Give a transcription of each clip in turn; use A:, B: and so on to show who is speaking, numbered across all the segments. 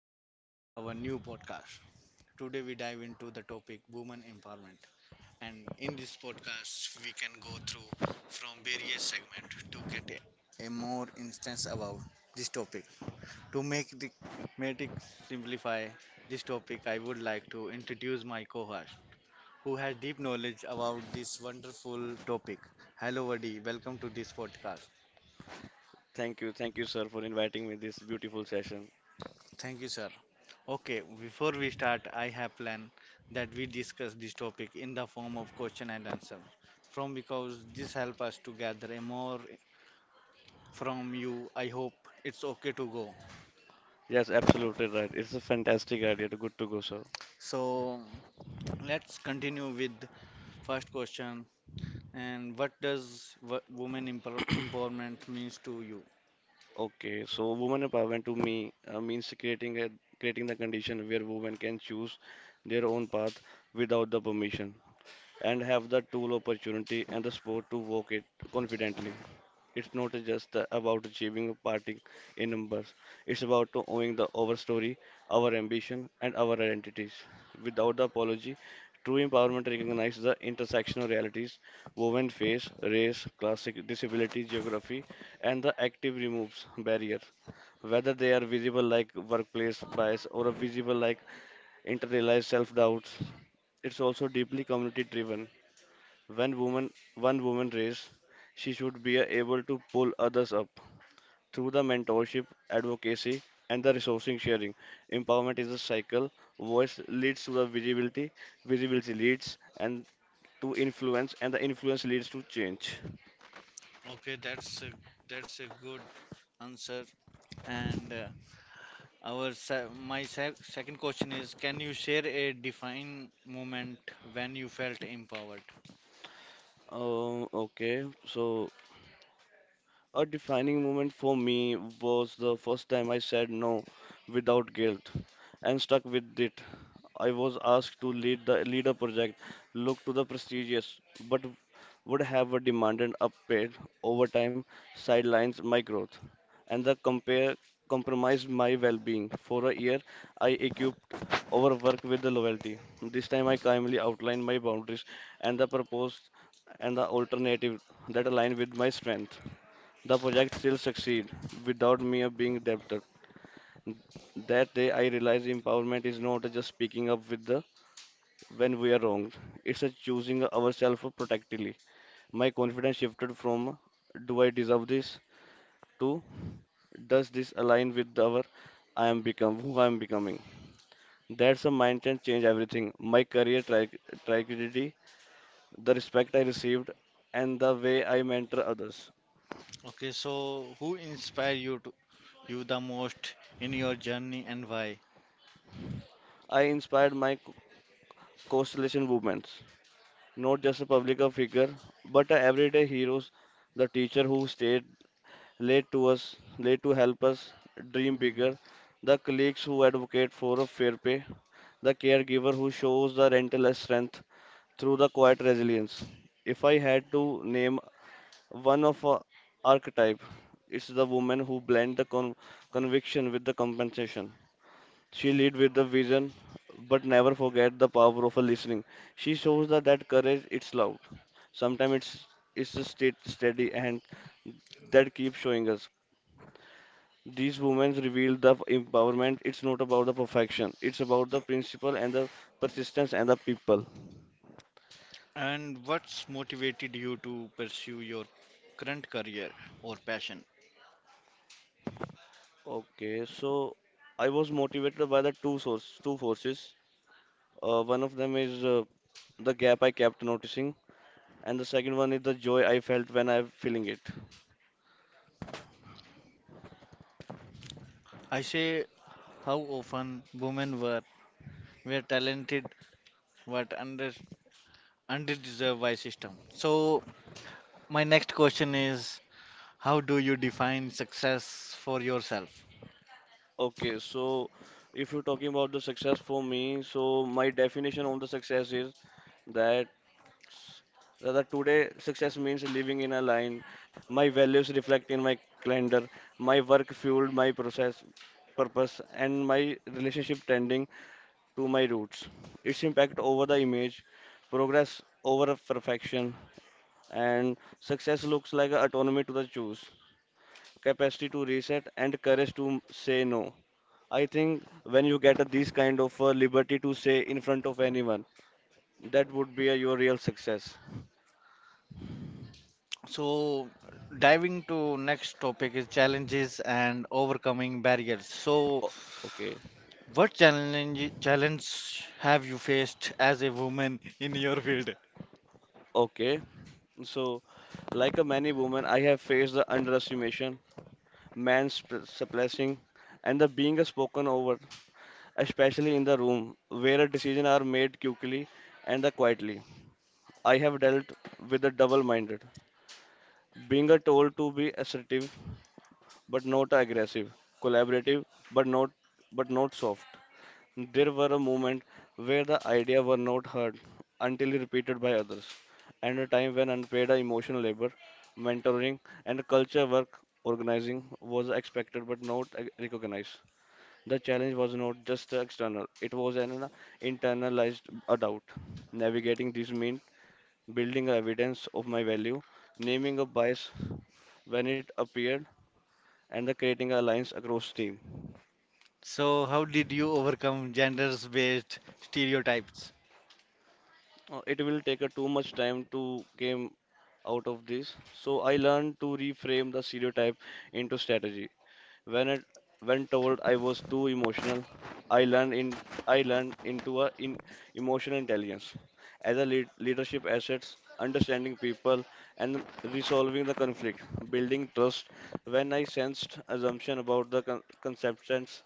A: Welcome to our new podcast. Today, we dive into the topic women empowerment. And in this podcast, we can go through from various segments to get a more instance about this topic. To make the make it simplify this topic, I would like to introduce my co-host who has deep knowledge about this wonderful topic. Hello, Vadi. Welcome to this podcast.
B: Thank you, sir, for inviting me this beautiful session.
A: Thank you, sir. Okay, before we start, I have planned that we discuss this topic in the form of question and answer from because this help us to gather a more from you. I hope it's okay to go.
B: Yes, absolutely right. It's a fantastic idea. To Good to go, sir.
A: So let's continue with first question and what does women empowerment means to you?
B: Okay, so women empowerment to me means creating a creating the condition where women can choose their own path without the permission and have the tool, opportunity, and the support to walk it confidently. It's not just the- about achieving a party in numbers. It's about to owning the our story, our ambition, and our identities. Without the apology, true empowerment recognizes the intersectional realities women face, race, class, disability, geography, and the active removes barriers, whether they are visible like workplace bias or visible like internalized self-doubts. It's also deeply community driven. When woman one woman race, she should be able to pull others up. Through the mentorship, advocacy, and the resourcing sharing, empowerment is a cycle. Voice leads to the visibility, visibility leads and to influence, and the influence leads to change.
A: Okay, that's a good answer, and our my second question is, can you share a define moment when you felt empowered?
B: Okay, so a defining moment for me was the first time I said no without guilt and stuck with it. I was asked to lead a project, look to the prestigious, but would have a demanded upgrade overtime, sidelines my growth, and the compare compromised my well-being. For a year, I equipped overwork with the loyalty. This time, I calmly outlined my boundaries and the proposed and the alternative that aligned with my strength. The project still succeed without me being debtor. That day I realized empowerment is not just speaking up with the when we are wrong. It's a choosing ourselves protectively. My confidence shifted from do I deserve this to does this align with our I am become who I am becoming. That's a mindset change everything. My trajectory, the respect I received, and the way I mentor others.
A: Okay, so who inspired you to, you the most in your journey and why?
B: I inspired my co- constellation movements. Not just a public figure, but a everyday heroes. The teacher who stayed late to us, late to help us dream
A: Mm.
B: bigger. The colleagues who advocate for a fair pay. The caregiver who shows the rental as strength through the quiet resilience. If I had to name one of a archetype, it's the woman who blend the conviction with the compensation. She lead with the vision, but never forget the power of a listening. She shows that courage it's loud. Sometimes it's a state steady and that keeps showing us. These women reveal the empowerment. It's not about the perfection. It's about the principle and the persistence and the people.
A: And what's motivated you to pursue your current career or passion?
B: Okay, so I was motivated by the two forces. One of them is the gap I kept noticing, and the second one is the joy I felt when I feeling it.
A: I say how often women were talented but underdeserved by system. So my next question is, how do you define success for yourself?
B: Okay, so if you're talking about the success for me, so my definition on the success is that s- that today success means living in a line, my values reflect in my calendar, my work fueled my process purpose, and my relationship tending to my roots. Its impact over the image, progress over a perfection, and success looks like a autonomy to the choose, capacity to reset, and courage to say no. I think when you get a, this kind of liberty to say in front of anyone, that would be a, your real success.
A: So, diving to next topic is challenges and overcoming barriers. So,
B: O- okay,
A: what challenge have you faced as a woman in your field?
B: okay. So, like a many women, I have faced the underestimation, suppressing, and the being spoken over, especially in the room where a decision are made quickly and the quietly. I have dealt with the double-minded, being a told to be assertive but not aggressive, collaborative but not but not soft. There were a moment where the idea were not heard until repeated by others, and a time when unpaid emotional labor, mentoring, and culture work organizing was expected but not ac- recognized. The challenge was not just external; it was an internalized doubt. Navigating this meant building evidence of my value, naming a bias when it appeared, and the creating alliance across team.
A: So, how did you overcome genders-based stereotypes?
B: It will take a too much time to came out of this. So I learned to reframe the stereotype into strategy. When it when told I was too emotional, I learned in I learned into a in emotional intelligence as a leadership assets, understanding people and resolving the conflict, building trust. When I sensed assumption about the conceptions,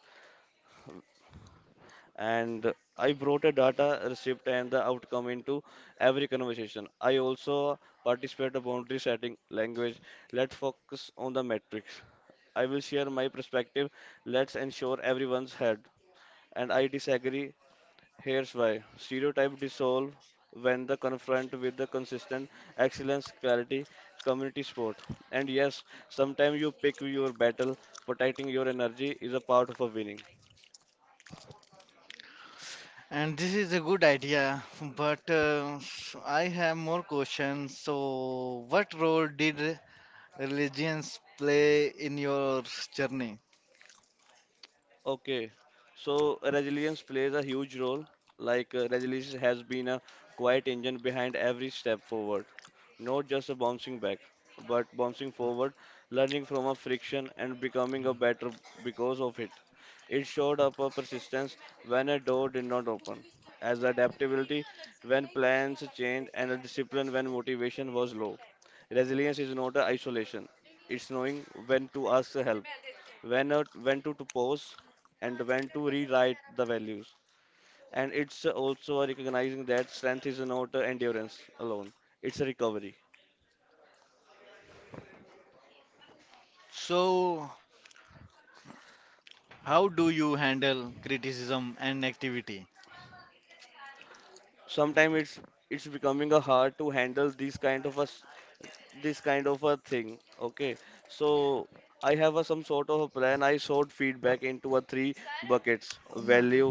B: and I brought a data receipt and the outcome into every conversation. I also participate in boundary setting language. Let's focus on the metrics. I will share my perspective. Let's ensure everyone's heard. And I disagree. Here's why. Stereotype dissolve when the confront with the consistent excellence clarity community sport. And yes, sometimes you pick your battle. Protecting your energy is a part of a winning.
A: And this is a good idea, but I have more questions. So, what role did religions play in your journey?
B: Okay, so resilience plays a huge role. Like resilience has been a quiet engine behind every step forward, not just a bouncing back, but bouncing forward, learning from a friction and becoming a better because of it. It showed up a persistence when a door did not open, as adaptability when plans changed, and a discipline when motivation was low. Resilience is not a isolation; it's knowing when to ask for help when not- when to pause and when to rewrite the values and it's also recognizing that strength is not endurance alone it's a recovery.
A: So, how do you handle criticism and activity?
B: Sometimes it's becoming a hard to handle this kind of a thing. Okay, so I have a some sort of a plan. I sort feedback into a three buckets value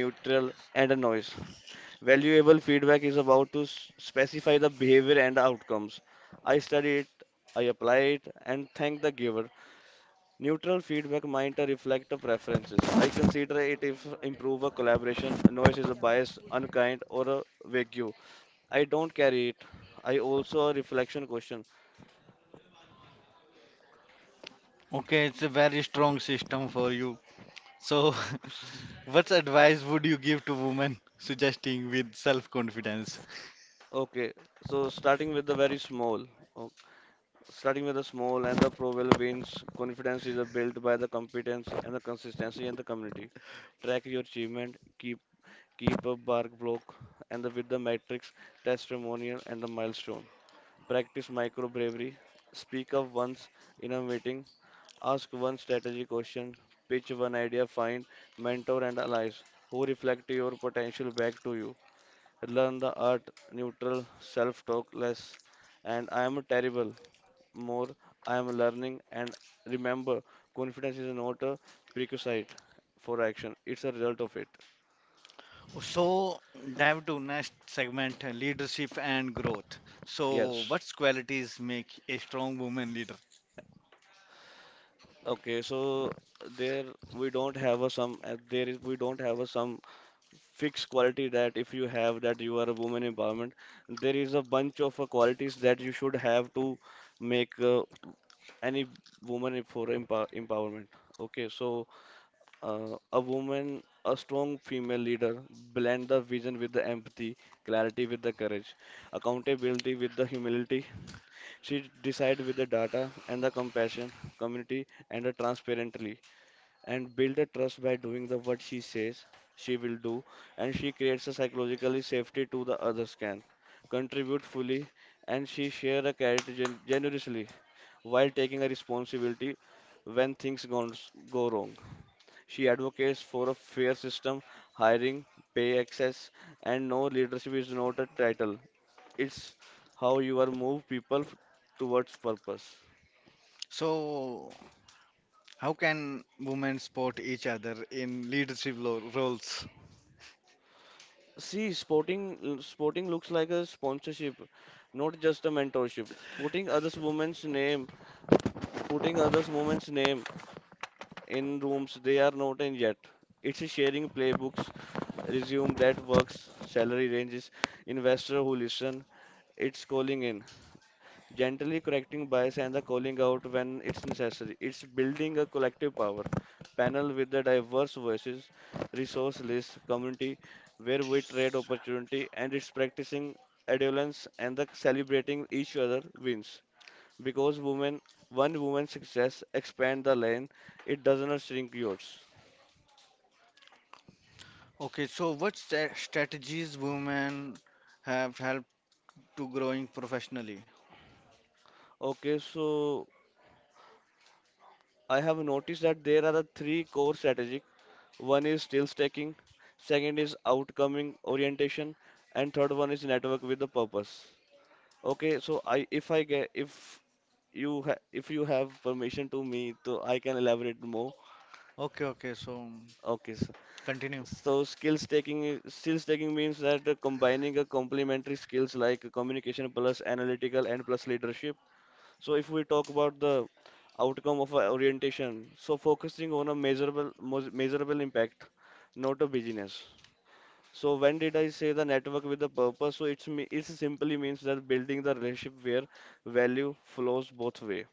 B: neutral and a noise. Valuable feedback is specify the behavior and outcomes. I study it, I apply it and thank the giver. Neutral feedback might reflect the preferences. I consider it if improve a collaboration, noise is a bias, unkind, or a vague. I don't carry it. I also a reflection question.
A: Okay, it's a very strong system for you. So, what advice would you give to women suggesting with self-confidence?
B: Okay, so starting with the very small, o- starting with the small and the probable wins, confidence is a built by the competence and the consistency in the community. Track your achievement, keep a bar block, and the, with the metrics, testimonial, and the milestone. Practice micro bravery. Speak up once in a meeting. Ask one strategy question. Pitch one idea. Find mentor and allies who reflect your potential back to you. Learn the art neutral self talk less. And I am terrible. More I am learning. And remember, confidence is not a prerequisite for action, it's a result of it.
A: So, dive to next segment, leadership and growth. So,
B: Yes.
A: what qualities make a strong woman leader?
B: Okay, so there we don't have a sum fixed quality that if you have that you are a woman empowerment. There is a bunch of qualities that you should have to make any woman for empowerment. Okay, so uh, a woman a strong female leader blend the vision with the empathy, clarity with the courage, accountability with the humility. She decide with the data and the compassion, community and the transparently, and build a trust by doing the what she says she will do. And she creates a psychologically safety to the others can contribute fully, and she share a generously while taking a responsibility when go wrong. She advocates for a fair system, hiring, pay access. And no, leadership is not a title, it's how you are move people f- towards purpose.
A: So, how can women support each other in leadership roles?
B: See, sporting looks like a sponsorship, not just a mentorship. Putting others' women's name, Putting others' women's name in rooms they are not in yet. It's a sharing playbooks, resume that works, salary ranges, investor who listen. It's calling in gently correcting bias and the calling out when it's necessary. It's building a collective power panel with the diverse voices, resource list, community where we trade opportunity, and it's practicing adolescence and the celebrating each other wins. Because women, one woman's success expand the lane, it does not shrink yours.
A: Okay, so what strategies women have helped to growing professionally?
B: Okay, so I have noticed that there are the three core strategies. One is skill stacking, second is outcoming orientation, and third one is network with the purpose. Okay, so I if I get if you ha if you have permission to me, so I can elaborate more.
A: Okay, okay. So
B: Okay, so,
A: continue.
B: so skills taking means that combining a complementary skills like communication plus analytical and plus leadership. So if we talk about the outcome of a orientation, so focusing on a measurable impact, not a business. So when did I say the network with the purpose? So it's me it simply means that building the relationship where value flows both way.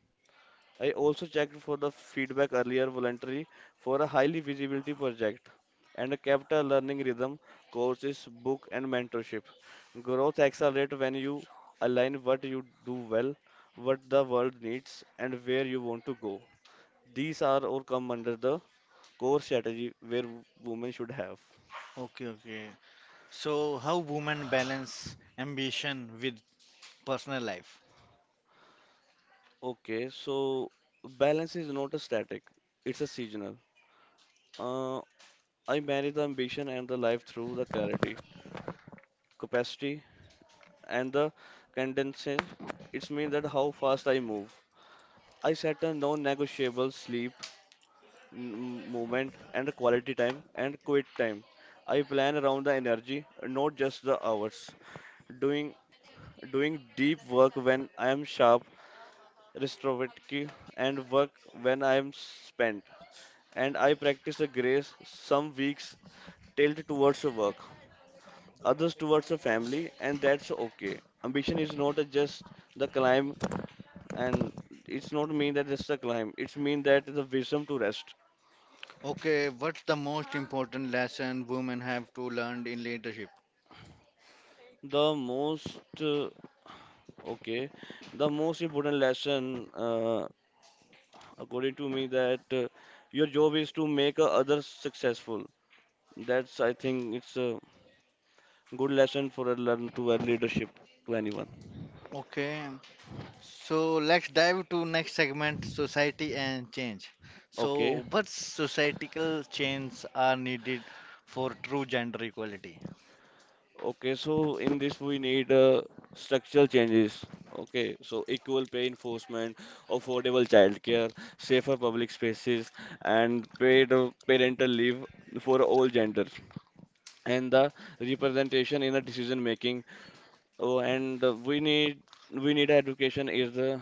B: I also checked for the feedback earlier voluntary for a highly visibility project and a capital learning rhythm courses, book and mentorship. Growth accelerate when you align what you do well, what the world needs and where you want to go. These are all come under the core strategy where women should have.
A: Okay, okay. So how women balance ambition with personal life?
B: Okay, so balance is not a static, it's a seasonal. Uh, I marry the ambition and the life through the clarity, capacity, and the condenses. It's mean that how fast I move. I set a non-negotiable sleep, movement, and the quality time and quit time. I plan around the energy, not just the hours. Doing doing deep work when I am sharp, restorative, and work when I am spent. And I practice a grace some weeks tilted towards the work, others towards the family, and that's okay. Ambition is not a just the climb, and it's not mean that it's the climb. It's mean that the wisdom to rest.
A: Okay, what's the most important lesson women have to learn in leadership?
B: The most uh, okay, the most important lesson, according to me, that your job is to make others successful. That's I think it's a good lesson for a learn to a leadership to anyone.
A: Okay, so let's dive to next segment, society and change.
B: Okay,
A: So what societal changes are needed for true gender equality?
B: okay, so in this we need structural changes. Okay, so equal pay enforcement, affordable childcare, safer public spaces, and paid parental leave for all genders, and the representation in the decision making. Oh, and uh, we need education is the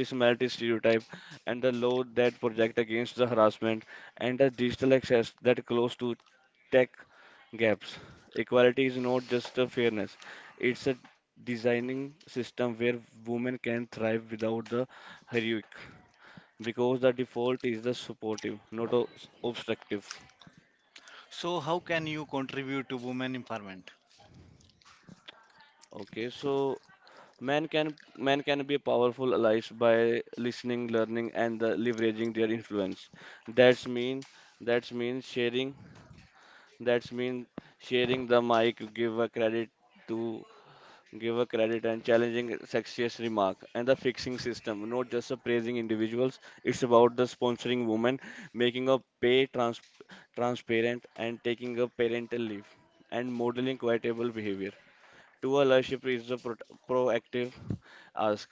B: this malty stereotype and the law that project against the harassment and the digital access that close to tech gaps. Equality is not just a fairness, it's a designing system where women can thrive without the heroic because the default is the supportive, not obstructive.
A: So how can you contribute to women empowerment?
B: Okay, so men can be powerful allies by listening, learning, and the leveraging their influence. That's mean that's mean sharing. That's mean sharing the mic. To give a credit and challenging sexist remark and the fixing system, not just a praising individuals. It's about the sponsoring women, making a pay transparent and taking a parental leave and modeling quietable behavior to a leadership is a proactive ask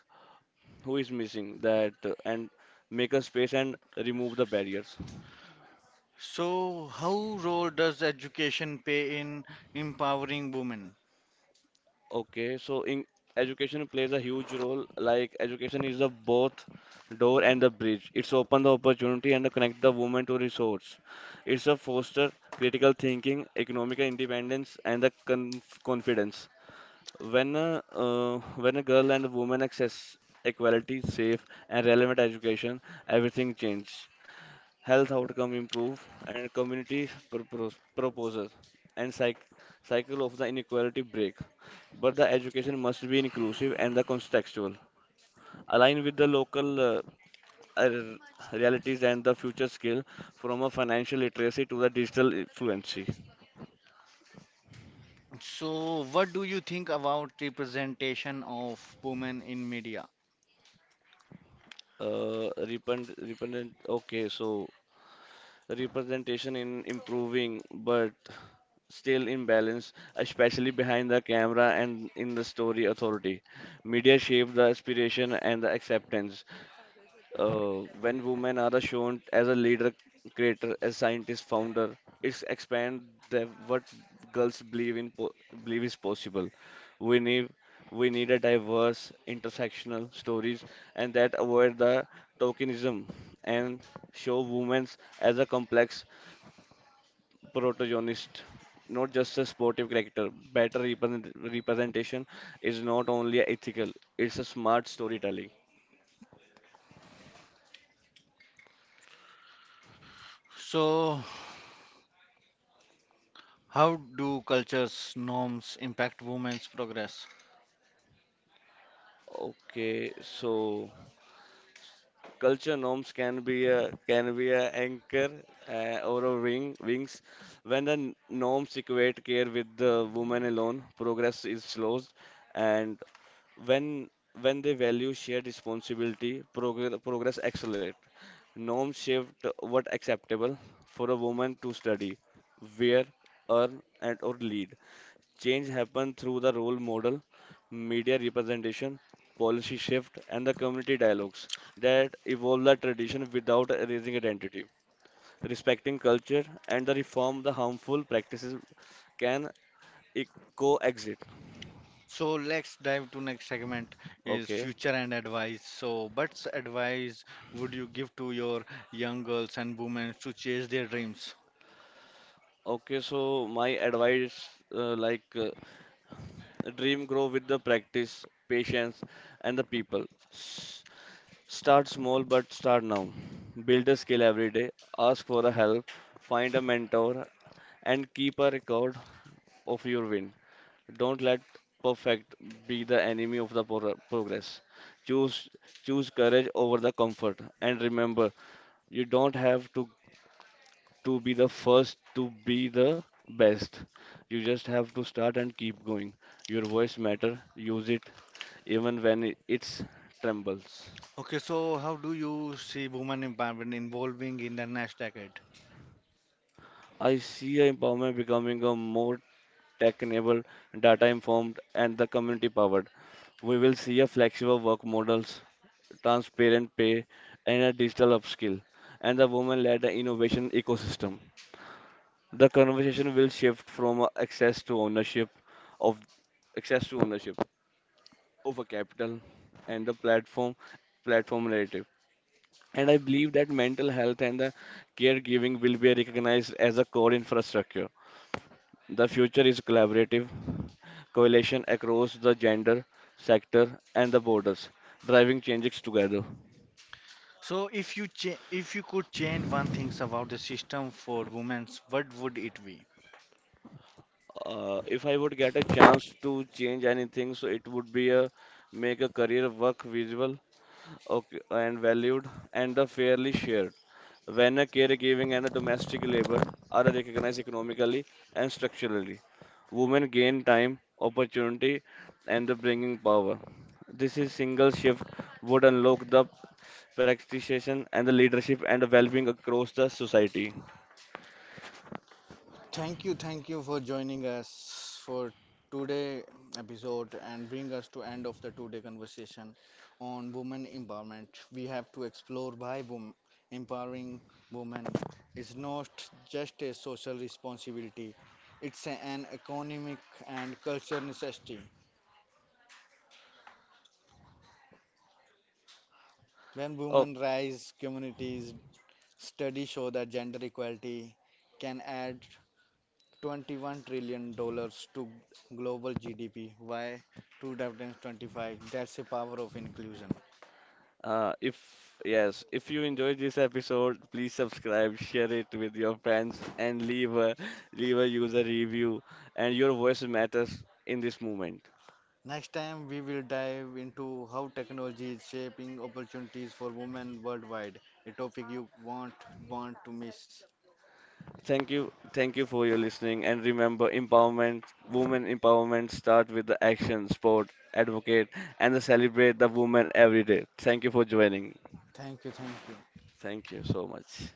B: who is missing that and make a space and remove the barriers.
A: So, how role does education play in empowering women?
B: Okay, so in education plays a huge role. Like education is the both door and the bridge. It's open the opportunity and connect the woman to resource. It's a foster critical thinking, economic independence, and the confidence. When a, uh, when a girl and a woman access equality, safe and relevant education, everything changes. Health outcome improve, and community proposals and cycle of the inequality break. But the education must be inclusive and the contextual, align with the local uh, realities and the future skill from a financial literacy to the digital fluency.
A: So, what do you think about representation of women in media?
B: So representation in improving but still imbalance, especially behind the camera and in the story authority. Media shape the aspiration and the acceptance when women are shown as a leader, creator, as scientist, founder, it's expand the what girls believe is possible. We need we need a diverse intersectional stories and that avoid the tokenism and show women as a complex protagonist, not just a sportive character. Better representation is not only ethical, it's a smart storytelling.
A: So, how do cultures norms impact women's progress?
B: Okay, so culture norms can be a anchor or a wing wings. When the norms equate care with the woman alone, progress is slowed. And when when they value shared responsibility, progress accelerate. Norms shift what acceptable for a woman to study, wear, earn and or lead. Change happened through the role model, media representation, policy shift, and the community dialogues that evolve the tradition without erasing identity. Respecting culture and the reform the harmful practices can e- coexist.
A: So let's dive to next segment is
B: Okay.
A: future and advice. So, what's advice would you give to your young girls and women to chase their dreams?
B: Okay, so my advice dream grow with the practice, patience, and the people. S- Start small, but start now. Build a skill every day. Ask for a help. Find a mentor and keep a record of your win. Don't let perfect be the enemy of the progress. Choose choose courage over the comfort and remember you don't have to be the first to be the best. You just have to start and keep going. Your voice matter, use it even when it it's trembles.
A: Okay, so how do you see women empowerment evolving in the next decade?
B: I see a empowerment becoming a more tech-enabled, data-informed, and the community-powered. We will see a flexible work models, transparent pay, and a digital upskill, and the woman led innovation ecosystem. The conversation will shift from access to ownership of access to ownership over capital and the platform narrative. And I believe that mental health and the caregiving will be recognized as a core infrastructure. The future is collaborative, coalition across the gender, sector, and the borders, driving changes together.
A: So, if you could change one thing about the system for women, what would it be?
B: If I would get a chance to change anything, so it would be a make a career work visible, okay, and valued, and a fairly shared. When a caregiving and a domestic labor are recognized economically and structurally, women gain time, opportunity, and the bringing power. This is single shift would unlock the practitioner and the leadership and the well-being across the society.
A: Thank you for joining us for today episode and bring us to end of the today conversation on women empowerment. We have to explore why women empowering women is not just a social responsibility; it's an economic and cultural necessity. When
B: Oh.
A: women rise, communities studies show that gender equality can add 21 dollars to global GDP by 2025. That's the power of inclusion.
B: Uh, if yes, if you enjoyed this episode, please subscribe, share it with your friends, and leave a user review. And your voice matters in this movement.
A: Next time we will dive into how technology is shaping opportunities for women worldwide, a topic you won't want to miss.
B: Thank you for your listening. And remember, empowerment, women empowerment, start with the action, sport, advocate, and the celebrate the woman every day. Thank you for joining.
A: Thank you, thank you.
B: Thank you so much.